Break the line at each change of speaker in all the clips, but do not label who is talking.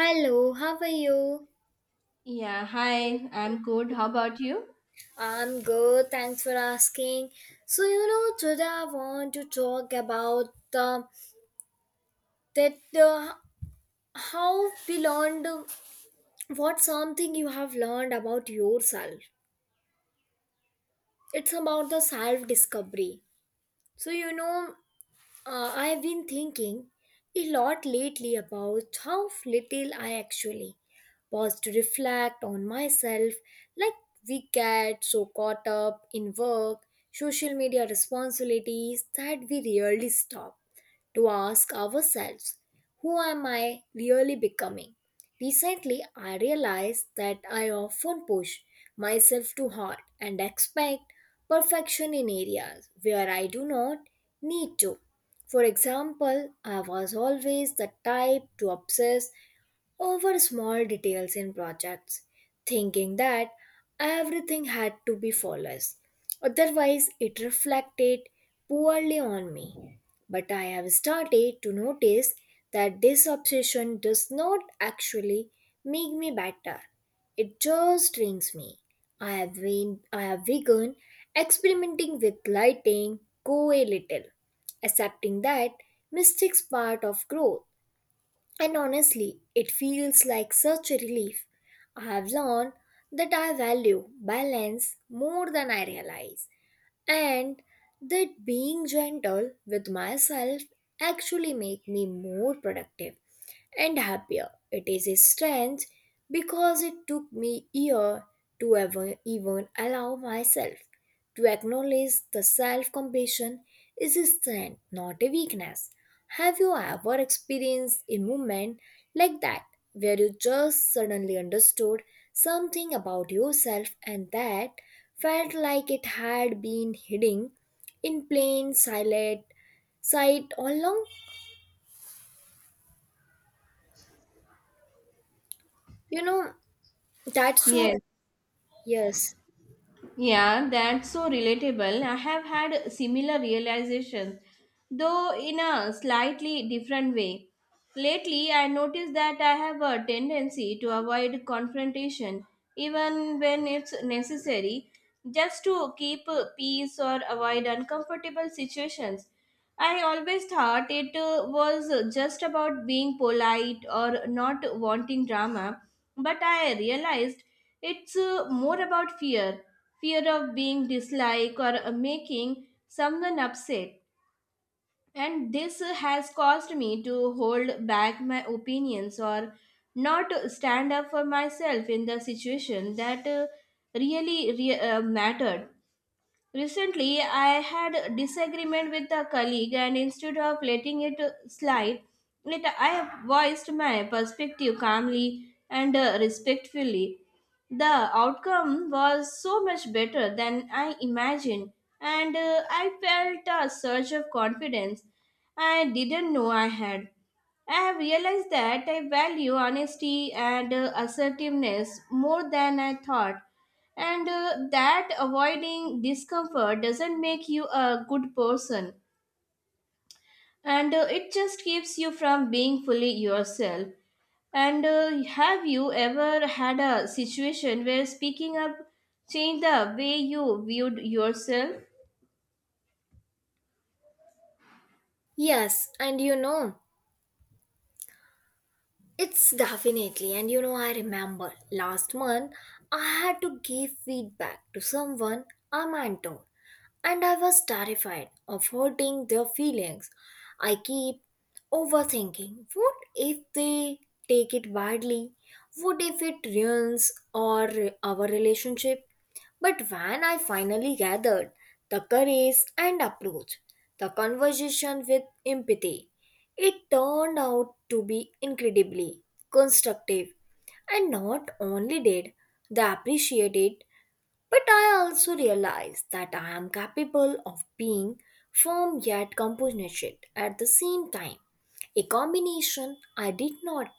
Hello, how are you?
Yeah, hi, I'm good. How about you?
I'm good, thanks for asking. Today I want to talk about the that how we learned what something you have learned about yourself. It's about the self discovery. So, you know, I've been thinking a lot lately about how little I actually pause to reflect on myself. Like, we get so caught up in work, social media responsibilities that we rarely stop to ask ourselves, who am I really becoming? Recently, I realized that I often push myself too hard and expect perfection in areas where I do not need to. For example, I was always the type to obsess over small details in projects, thinking that everything had to be flawless. Otherwise, it reflected poorly on me. But I have started to notice that this obsession does not actually make me better. It just trains me. I have begun experimenting with lighting, go a little, accepting that mistakes part of growth, and honestly, it feels like such a relief. I have learned that I value balance more than I realize, and that being gentle with myself actually make me more productive and happier. It is a strength because it took me year to ever even allow myself to acknowledge the self-compassion is a strength, not a weakness. Have you ever experienced a moment like that where you just suddenly understood something about yourself and that felt like it had been hidden in plain silent sight all along? You know, that's so
Yes.
yes.
Yeah, that's so relatable. I have had similar realizations, though in a slightly different way. Lately, I noticed that I have a tendency to avoid confrontation, even when it's necessary, just to keep peace or avoid uncomfortable situations. I always thought it was just about being polite or not wanting drama, but I realized it's more about fear fear of being disliked or making someone upset. And this has caused me to hold back my opinions or not stand up for myself in the situation that really mattered. Recently, I had a disagreement with a colleague, and instead of letting it slide, I voiced my perspective calmly and respectfully. The outcome was so much better than I imagined, and I felt a surge of confidence I didn't know I had. I have realized that I value honesty and assertiveness more than I thought, and that avoiding discomfort doesn't make you a good person, and it just keeps you from being fully yourself. And have you ever had a situation where speaking up changed the way you viewed yourself?
Yes, and it's definitely. And I remember last month I had to give feedback to someone, a mentor, and I was terrified of hurting their feelings. I keep overthinking, what if they take it badly? What if it ruins our relationship? But when I finally gathered the courage and approached the conversation with empathy, it turned out to be incredibly constructive. And not only did they appreciate it, but I also realized that I am capable of being firm yet compassionate at the same time. A combination I did not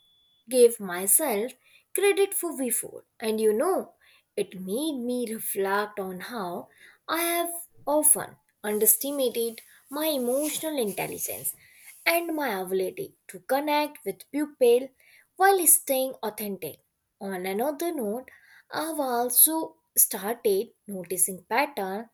give myself credit for before. And it made me reflect on how I have often underestimated my emotional intelligence and my ability to connect with people while staying authentic. On another note, I've also started noticing patterns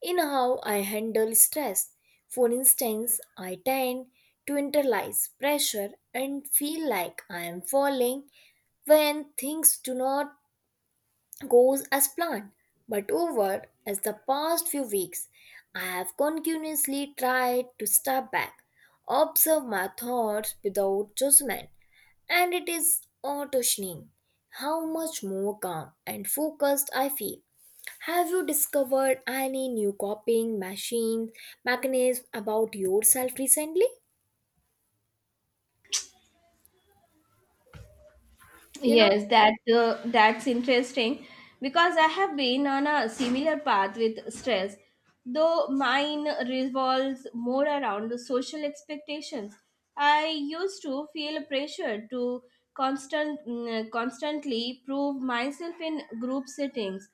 in how I handle stress. For instance, I tend to internalize pressure and feel like I am falling when things do not go as planned. But over as the past few weeks, I have continuously tried to step back, observe my thoughts without judgment, and it is astonishing how much more calm and focused I feel. Have you discovered any new copying machine mechanism about yourself recently? You know,
Yes, that that's interesting because I have been on a similar path with stress, though mine revolves more around the social expectations. I used to feel pressure to constantly prove myself in group settings,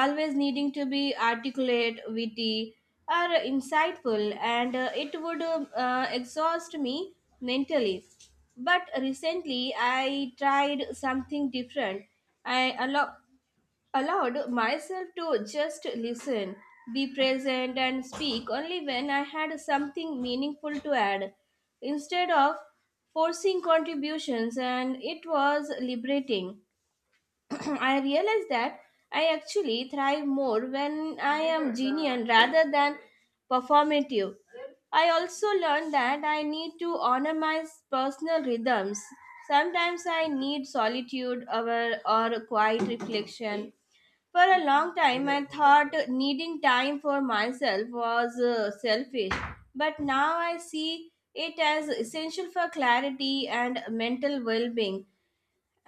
always needing to be articulate, witty, or insightful, and it would exhaust me mentally. But recently, I tried something different. I allo- allowed myself to just listen, be present, and speak only when I had something meaningful to add, instead of forcing contributions, and it was liberating. I realized that I actually thrive more when I am genuine rather than performative. I also learned that I need to honor my personal rhythms. Sometimes I need solitude or quiet reflection. For a long time, I thought needing time for myself was selfish, but now I see it as essential for clarity and mental well being.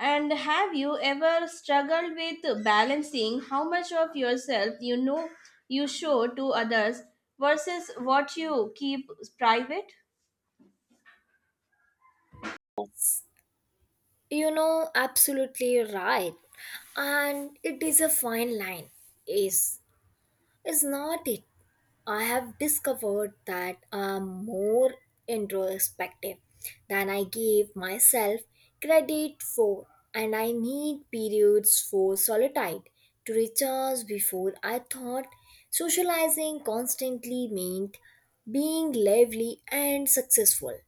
And have you ever struggled with balancing how much of yourself you know you show to others versus what you keep private?
you know, absolutely right. And it is a fine line. Is is not it? I have discovered that I'm more introspective than I gave myself credit for, and I need periods for solitude to recharge. Before, I thought socializing constantly meant being lively and successful.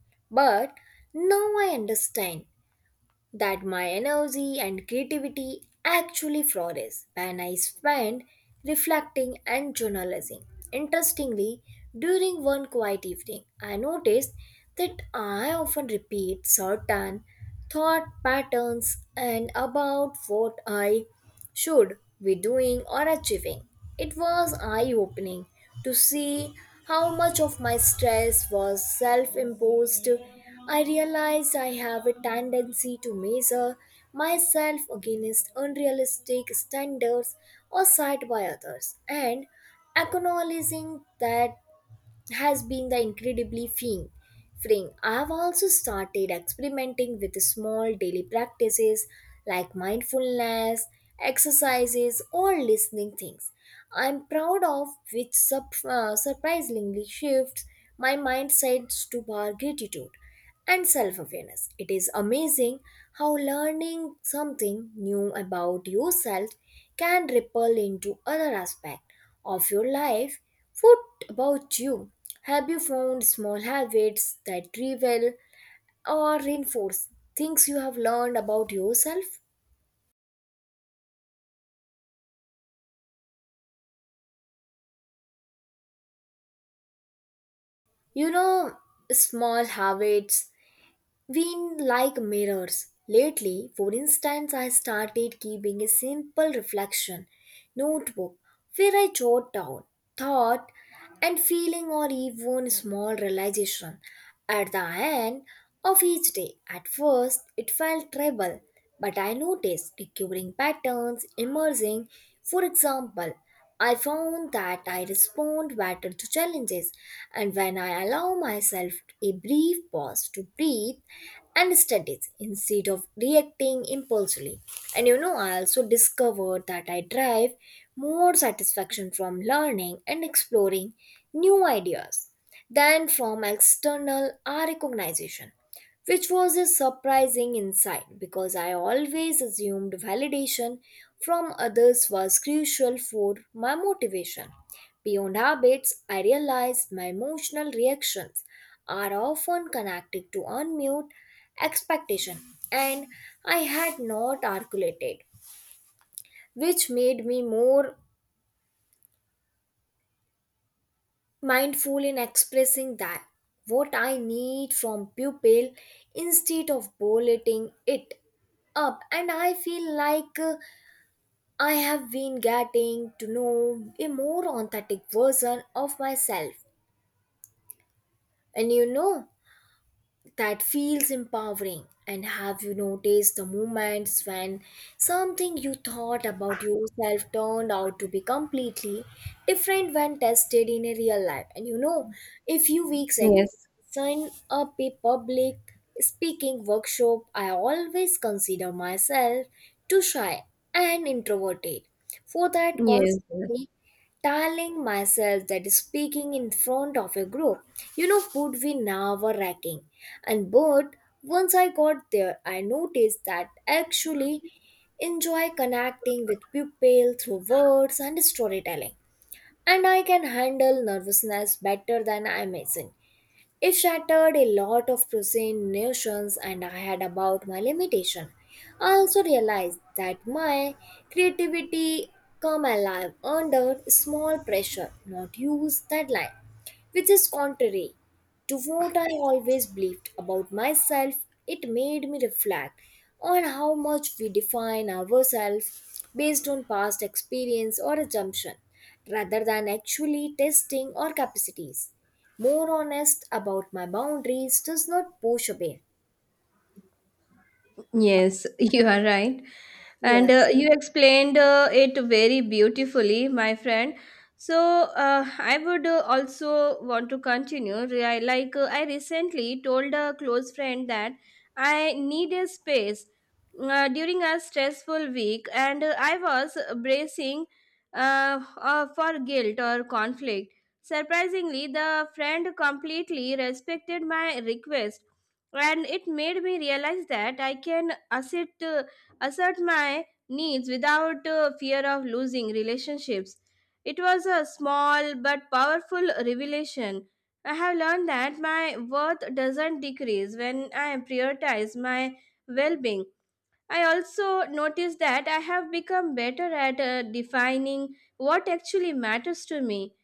But now I understand that my energy and creativity actually flourish when I spend reflecting and journalizing. Interestingly, during one quiet evening, I noticed that I often repeat certain thought patterns and about what I should be doing or achieving. It was eye opening to see how much of my stress was self imposed. I realized I have a tendency to measure myself against unrealistic standards or set by others, and acknowledging that has been the incredibly freeing. I have also started experimenting with small daily practices like mindfulness, exercises, or listening things. I'm proud of which surprisingly shifts my mindset to our gratitude and self awareness. It is amazing how learning something new about yourself can ripple into other aspects of your life. What about you? Have you found small habits that reveal or reinforce things you have learned about yourself? You know, small habits we like mirrors. Lately, for instance, I started keeping a simple reflection notebook where I jot down thought and feeling or even small realization at the end of each day. At first, it felt trouble, but I noticed recurring patterns emerging. For example, I found that I respond better to challenges, and when I allow myself a brief pause to breathe and study instead of reacting impulsively. And I also discovered that I derive more satisfaction from learning and exploring new ideas than from external recognition, which was a surprising insight because I always assumed validation from others was crucial for my motivation. Beyond habits, I realized my emotional reactions are often connected to unmute expectation and I had not articulated, which made me more mindful in expressing that what I need from pupil instead of bulleting it up. And I feel like I have been getting to know a more authentic version of myself. And that feels empowering. And have you noticed the moments when something you thought about yourself turned out to be completely different when tested in a real life? And a few weeks ago,
Yes,
signed up a public speaking workshop. I always consider myself too shy and introverted for that,
yes.
constantly telling myself that speaking in front of a group, would be nerve wracking. And but once I got there, I noticed that I actually enjoy connecting with people through words and storytelling. And I can handle nervousness better than I imagine. It shattered a lot of present notions and I had about my limitation. I also realized that my creativity come alive under small pressure, not use deadline, which is contrary to what I always believed about myself. It made me reflect on how much we define ourselves based on past experience or assumption rather than actually testing our capacities more honest about my boundaries does not push away.
Yes, you are right. And
Yes.
you explained it very beautifully, my friend. So I would also want to continue. I recently told a close friend that I need a space during a stressful week, and I was bracing for guilt or conflict. Surprisingly, the friend completely respected my request, and it made me realize that I can assert my needs without fear of losing relationships. It was a small but powerful revelation. I have learned that my worth doesn't decrease when I prioritize my well being. I also noticed that I have become better at defining what actually matters to me.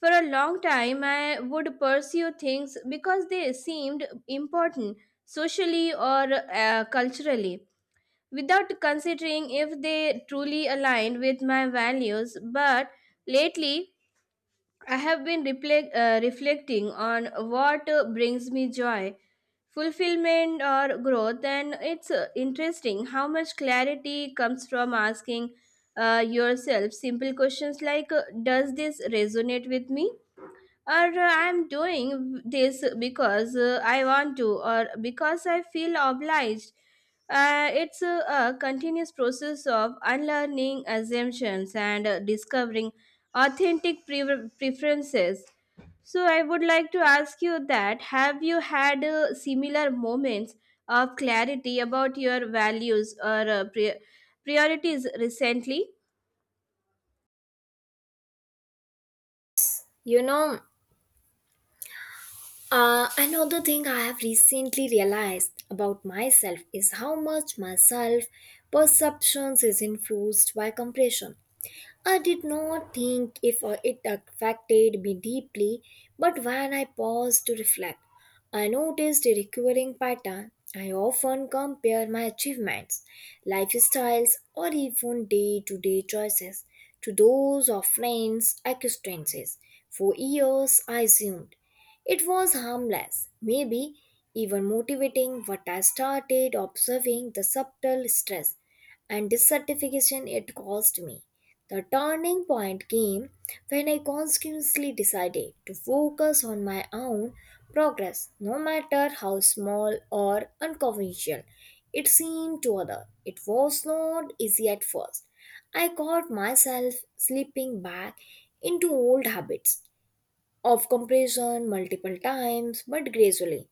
For a long time, I would pursue things because they seemed important socially or culturally without considering if they truly aligned with my values. But lately, I have been reflecting on what brings me joy, fulfillment, or growth, and it's interesting how much clarity comes from asking yourself simple questions like, "Does this resonate with me?" or, "I'm doing this because I want to, or because I feel obliged?" It's a continuous process of unlearning assumptions and discovering authentic preferences. So I would like to ask you that, have you had similar moments of clarity about your values or priorities recently?
You know, another thing I have recently realized about myself is how much my self perceptions is influenced by compression. I did not think if it affected me deeply, but when I paused to reflect, I noticed a recurring pattern. I often compare my achievements, lifestyles, or even day to day choices to those of friends' acquaintances. For years, I assumed it was harmless, maybe even motivating, but I started observing the subtle stress and dissatisfaction it caused me. The turning point came when I consciously decided to focus on my own progress, no matter how small or unconventional it seemed to others. It was not easy at first. I caught myself slipping back into old habits of comparison multiple times, but gradually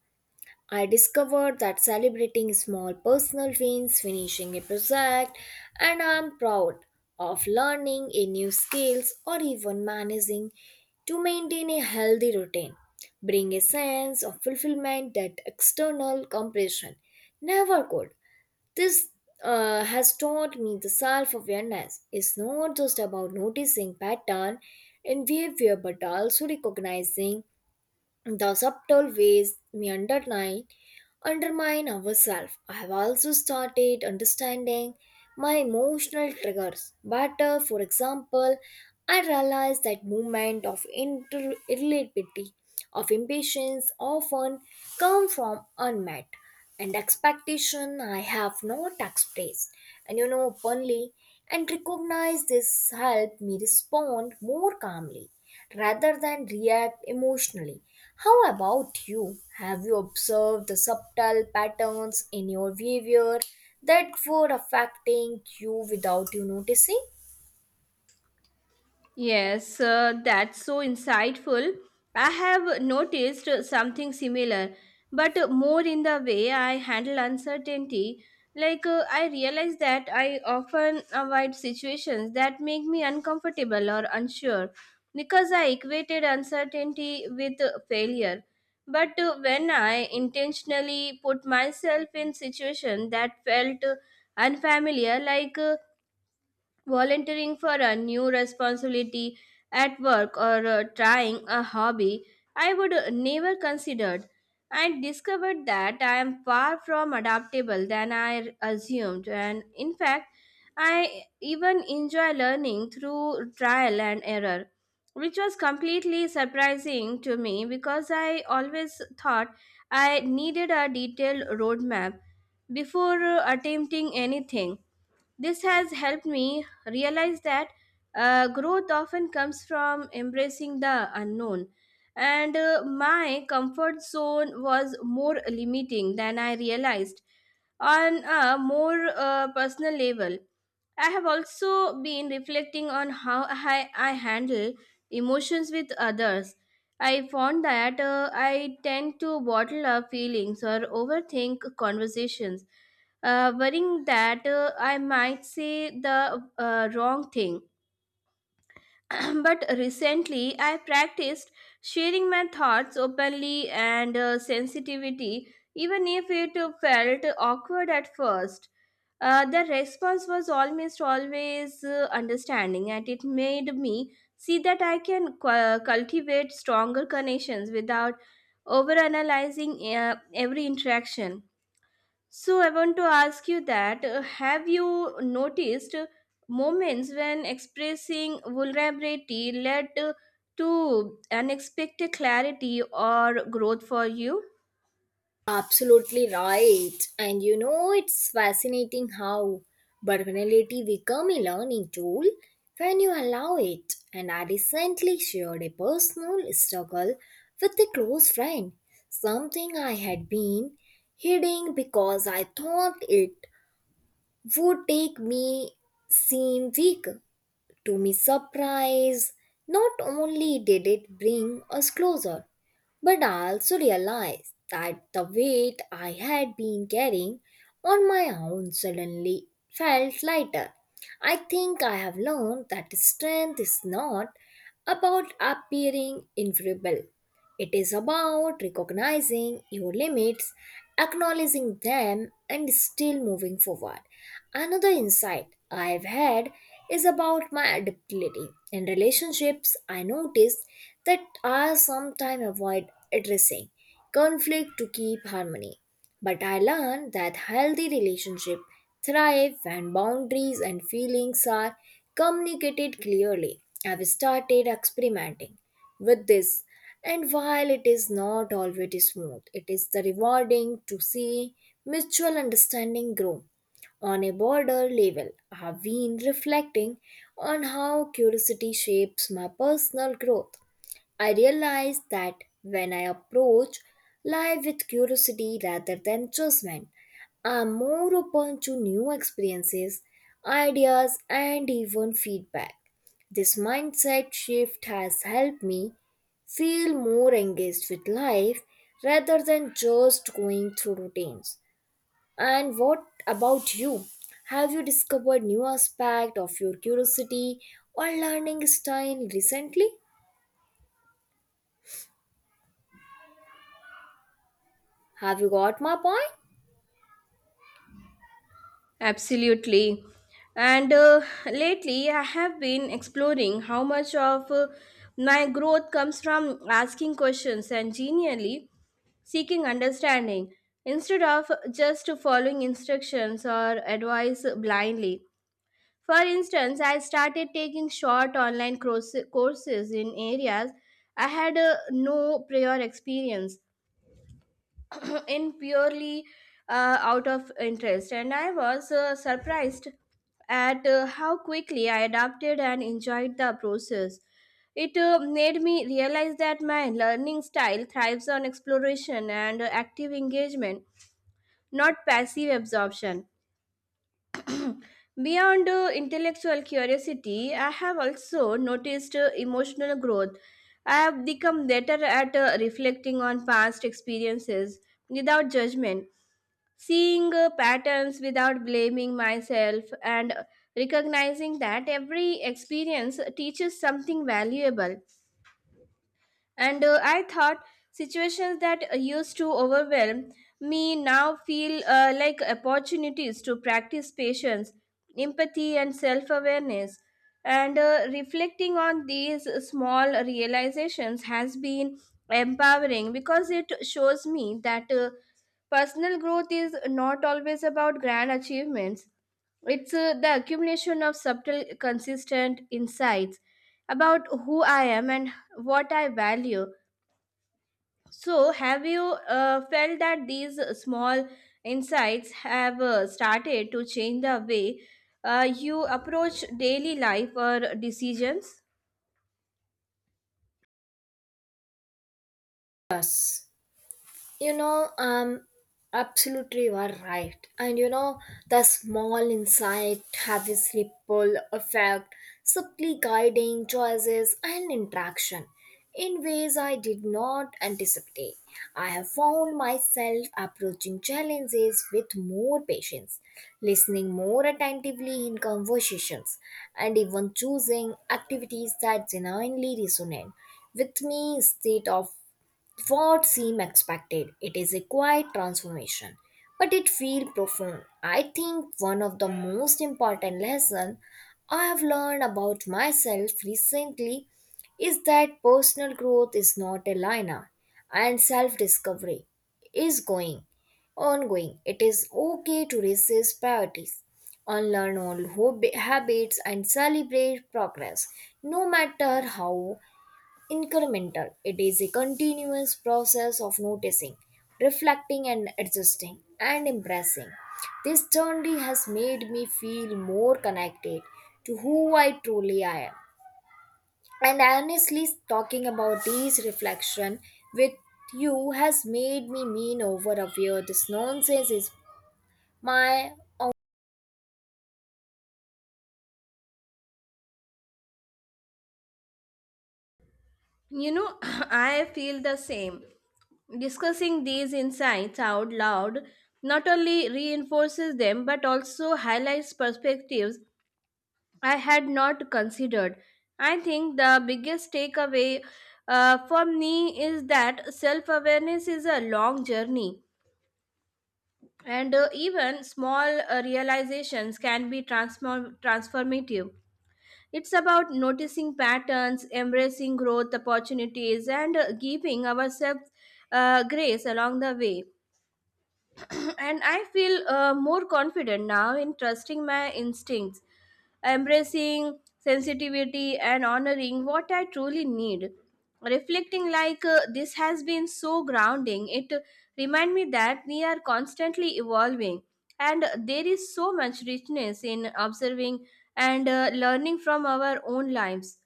I discovered that celebrating small personal wins, finishing a project, and I'm proud of learning a new skills or even managing to maintain a healthy routine bring a sense of fulfillment that external compression never could. This has taught me the self-awareness is not just about noticing pattern in behavior but also recognizing the subtle ways we underline undermine ourselves. I have also started understanding my emotional triggers better. For example, I realized that movement of irritability, of impatience often come from unmet and expectation I have not expressed. And openly and recognize this help me respond more calmly rather than react emotionally. How about you? Have you observed the subtle patterns in your behavior that were affecting you without you noticing?
Yes, that's so insightful. I have noticed something similar, but more in the way I handle uncertainty. Like, I realize that I often avoid situations that make me uncomfortable or unsure because I equated uncertainty with failure. But when I intentionally put myself in situations that felt unfamiliar, like volunteering for a new responsibility at work, or trying a hobby I would never considered, I discovered that I am far from adaptable than I assumed, and in fact, I even enjoy learning through trial and error, which was completely surprising to me because I always thought I needed a detailed roadmap before attempting anything. This has helped me realize that growth often comes from embracing the unknown, and my comfort zone was more limiting than I realized. On a more personal level, I have also been reflecting on how I handle emotions with others. I found that I tend to bottle up feelings or overthink conversations, worrying that I might say the wrong thing. But recently, I practiced sharing my thoughts openly and sensitivity, even if it felt awkward at first. The response was almost always understanding, and it made me see that I can cultivate stronger connections without overanalyzing every interaction. So, I want to ask you that, have you noticed moments when expressing vulnerability led to unexpected clarity or growth for you?
Absolutely right. And it's fascinating how vulnerability become a learning tool when you allow it. And I recently shared a personal struggle with a close friend, something I had been hiding because I thought it would take me seem weak. To my surprise, not only did it bring us closer, but I also realized that the weight I had been carrying on my own suddenly felt lighter. I think I have learned that strength is not about appearing invulnerable, it is about recognizing your limits, acknowledging them, and still moving forward. Another insight I've had is about my adaptability. In relationships, I noticed that I sometimes avoid addressing conflict to keep harmony. But I learned that healthy relationships thrive when boundaries and feelings are communicated clearly. I've started experimenting with this, and while it is not always smooth, it is the rewarding to see mutual understanding grow. On a broader level, I have been reflecting on how curiosity shapes my personal growth. I realized that when I approach life with curiosity rather than judgment, I'm more open to new experiences, ideas, and even feedback. This mindset shift has helped me feel more engaged with life rather than just going through routines. And what about you? Have you discovered new aspect of your curiosity or learning style recently? Have you got my point?
Absolutely. And lately, I have been exploring how much of my growth comes from asking questions and genuinely seeking understanding instead of just following instructions or advice blindly. For instance, I started taking short online courses in areas I had no prior experience in, purely out of interest, and I was surprised at how quickly I adapted and enjoyed the process. It made me realize that my learning style thrives on exploration and active engagement, not passive absorption. Beyond intellectual curiosity, I have also noticed emotional growth. I have become better at reflecting on past experiences without judgment, seeing patterns without blaming myself, and recognizing that every experience teaches something valuable. And I thought situations that used to overwhelm me now feel like opportunities to practice patience, empathy, and self awareness. And reflecting on these small realizations has been empowering because it shows me that personal growth is not always about grand achievements. It's the accumulation of subtle, consistent insights about who I am and what I value. So, have you felt that these small insights have started to change the way you approach daily life or decisions?
Yes, you know, um, absolutely you are right. And the small insight have this ripple effect, subtly guiding choices and interaction in ways I did not anticipate. I have found myself approaching challenges with more patience, listening more attentively in conversations, and even choosing activities that genuinely resonate with me instead of what seemed expected. It is a quiet transformation, but it feels profound. I think one of the most important lessons I have learned about myself recently is that personal growth is not a linear and self discovery is going ongoing. It is okay to resist priorities, unlearn habits, and celebrate progress, no matter how incremental. It is a continuous process of noticing, reflecting, and adjusting and impressing. This journey has made me feel more connected to who I truly am. And honestly, talking about these reflection with you has made me mean over a year. This nonsense is my own.
You know, I feel the same. Discussing these insights out loud not only reinforces them but also highlights perspectives I had not considered. I think the biggest takeaway for me is that self awareness is a long journey, and even small realizations can be transformative. It's about noticing patterns, embracing growth opportunities, and giving ourselves grace along the way. And I feel more confident now in trusting my instincts, embracing sensitivity, and honoring what I truly need. Reflecting like this has been so grounding. It reminds me that we are constantly evolving, and there is so much richness in observing and learning from our own lives.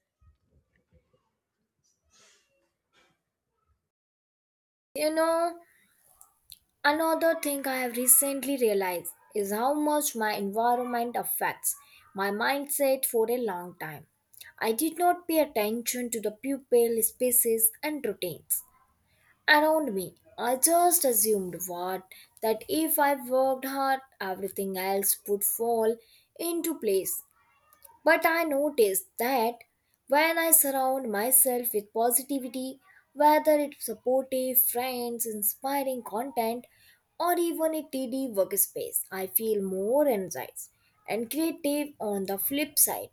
You know, Another thing I have recently realized is how much my environment affects my mindset for a long time. I did not pay attention to the people, spaces, and routines around me. I just assumed what that if I worked hard, everything else would fall into place. But I noticed that when I surround myself with positivity, whether it's supportive friends, inspiring content, or even a tidy workspace, I feel more energized and creative on the flip side.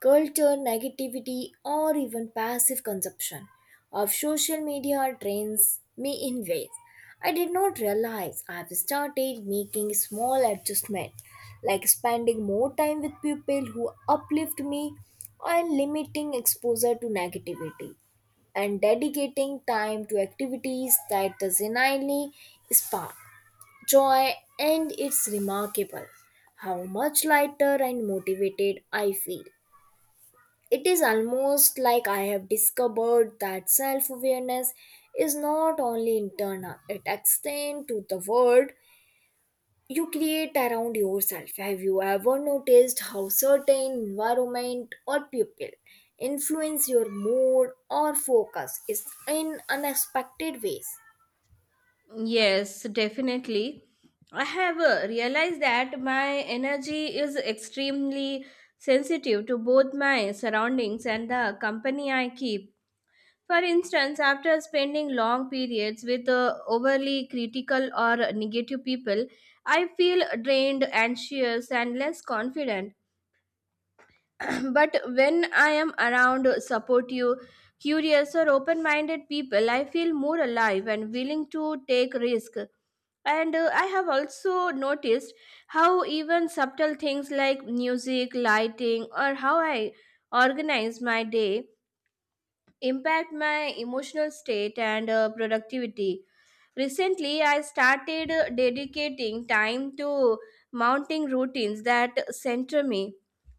Culture, negativity, or even passive consumption of social media drains me in ways I did not realize. I've started making small adjustments, like spending more time with people who uplift me and limiting exposure to negativity and dedicating time to activities that genuinely spark joy. And it's remarkable how much lighter and motivated I feel. It is almost like I have discovered that self awareness is not only internal, it extends to the world you create around yourself. Have you ever noticed how certain environment or people influence your mood or focus is in unexpected ways?
Yes, definitely. I have realized that my energy is extremely sensitive to both my surroundings and the company I keep. For instance, after spending long periods with overly critical or negative people, I feel drained, anxious, and less confident. But when I am around supportive, curious, or open minded people, I feel more alive and willing to take risks. And I have also noticed how even subtle things like music, lighting, or how I organize my day impact my emotional state and productivity. Recently, I started dedicating time to mounting routines that center me,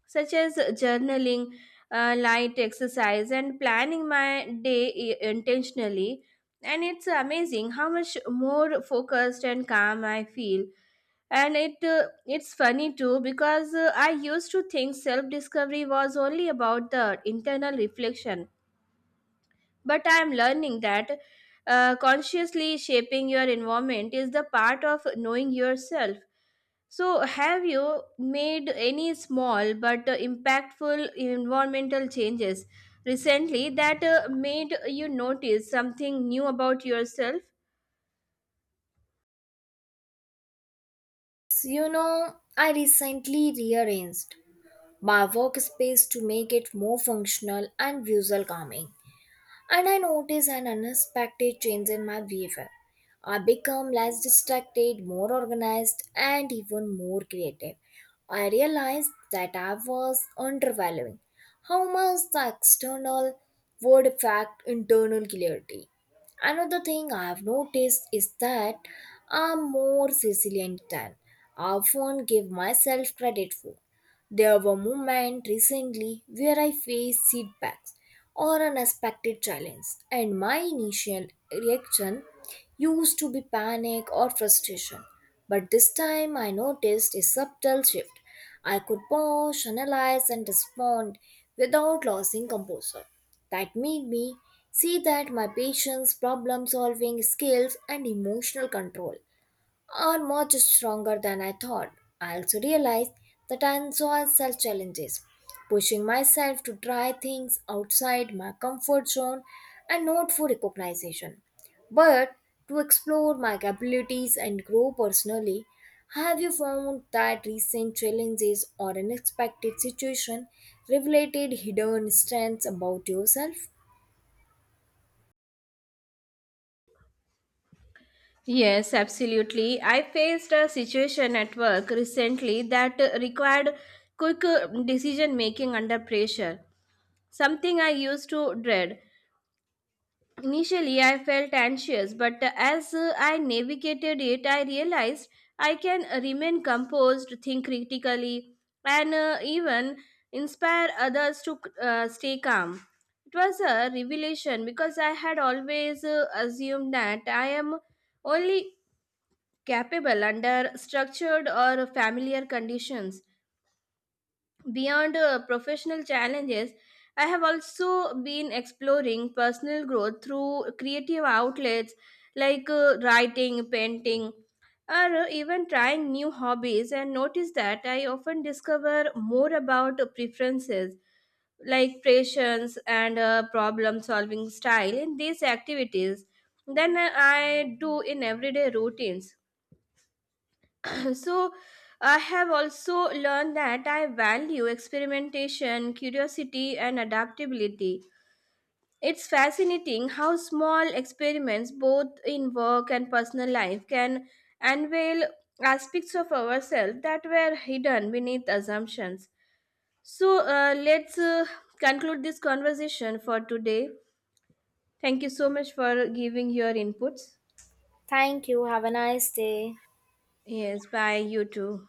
such as journaling, light exercise, and planning my day intentionally. And it's amazing how much more focused and calm I feel. And it it's funny too, because I used to think self discovery was only about the internal reflection, but I am learning that consciously shaping your environment is the part of knowing yourself. So, have you made any small but impactful environmental changes recently that made you notice something new about yourself?
I recently rearranged my workspace to make it more functional and visual calming, and I notice an unexpected change in my behavior. I become less distracted, more organized, and even more creative. I realized that I was undervaluing how much the external would affect internal clarity. Another thing I have noticed is that I'm more resilient than I often give myself credit for. There were moments recently where I faced setbacks or unexpected challenge, and my initial reaction used to be panic or frustration. But this time I noticed a subtle shift. I could pause, analyze, and respond without losing composure. That made me see that my patience, problem solving skills, and emotional control are much stronger than I thought. I also realized that I enjoy self challenges, pushing myself to try things outside my comfort zone and not for recognition, but to explore my capabilities and grow personally. Have you found that recent challenges or unexpected situation revealed hidden strengths about yourself?
Yes, absolutely. I faced a situation at work recently that required quick decision making under pressure, something I used to dread. Initially, I felt anxious, but as I navigated it, I realized I can remain composed, think critically, and even inspire others to stay calm. It was a revelation because I had always assumed that I am only capable under structured or familiar conditions. Beyond professional challenges, I have also been exploring personal growth through creative outlets like writing, painting, or even trying new hobbies, and notice that I often discover more about preferences like patience and problem solving style in these activities than I do in everyday routines. So I have also learned that I value experimentation, curiosity, and adaptability. It's fascinating how small experiments, both in work and personal life, can unveil aspects of ourselves that were hidden beneath assumptions. So let's conclude this conversation for today. Thank you so much for giving your inputs.
Thank you. Have a nice day.
Yes, bye, you too.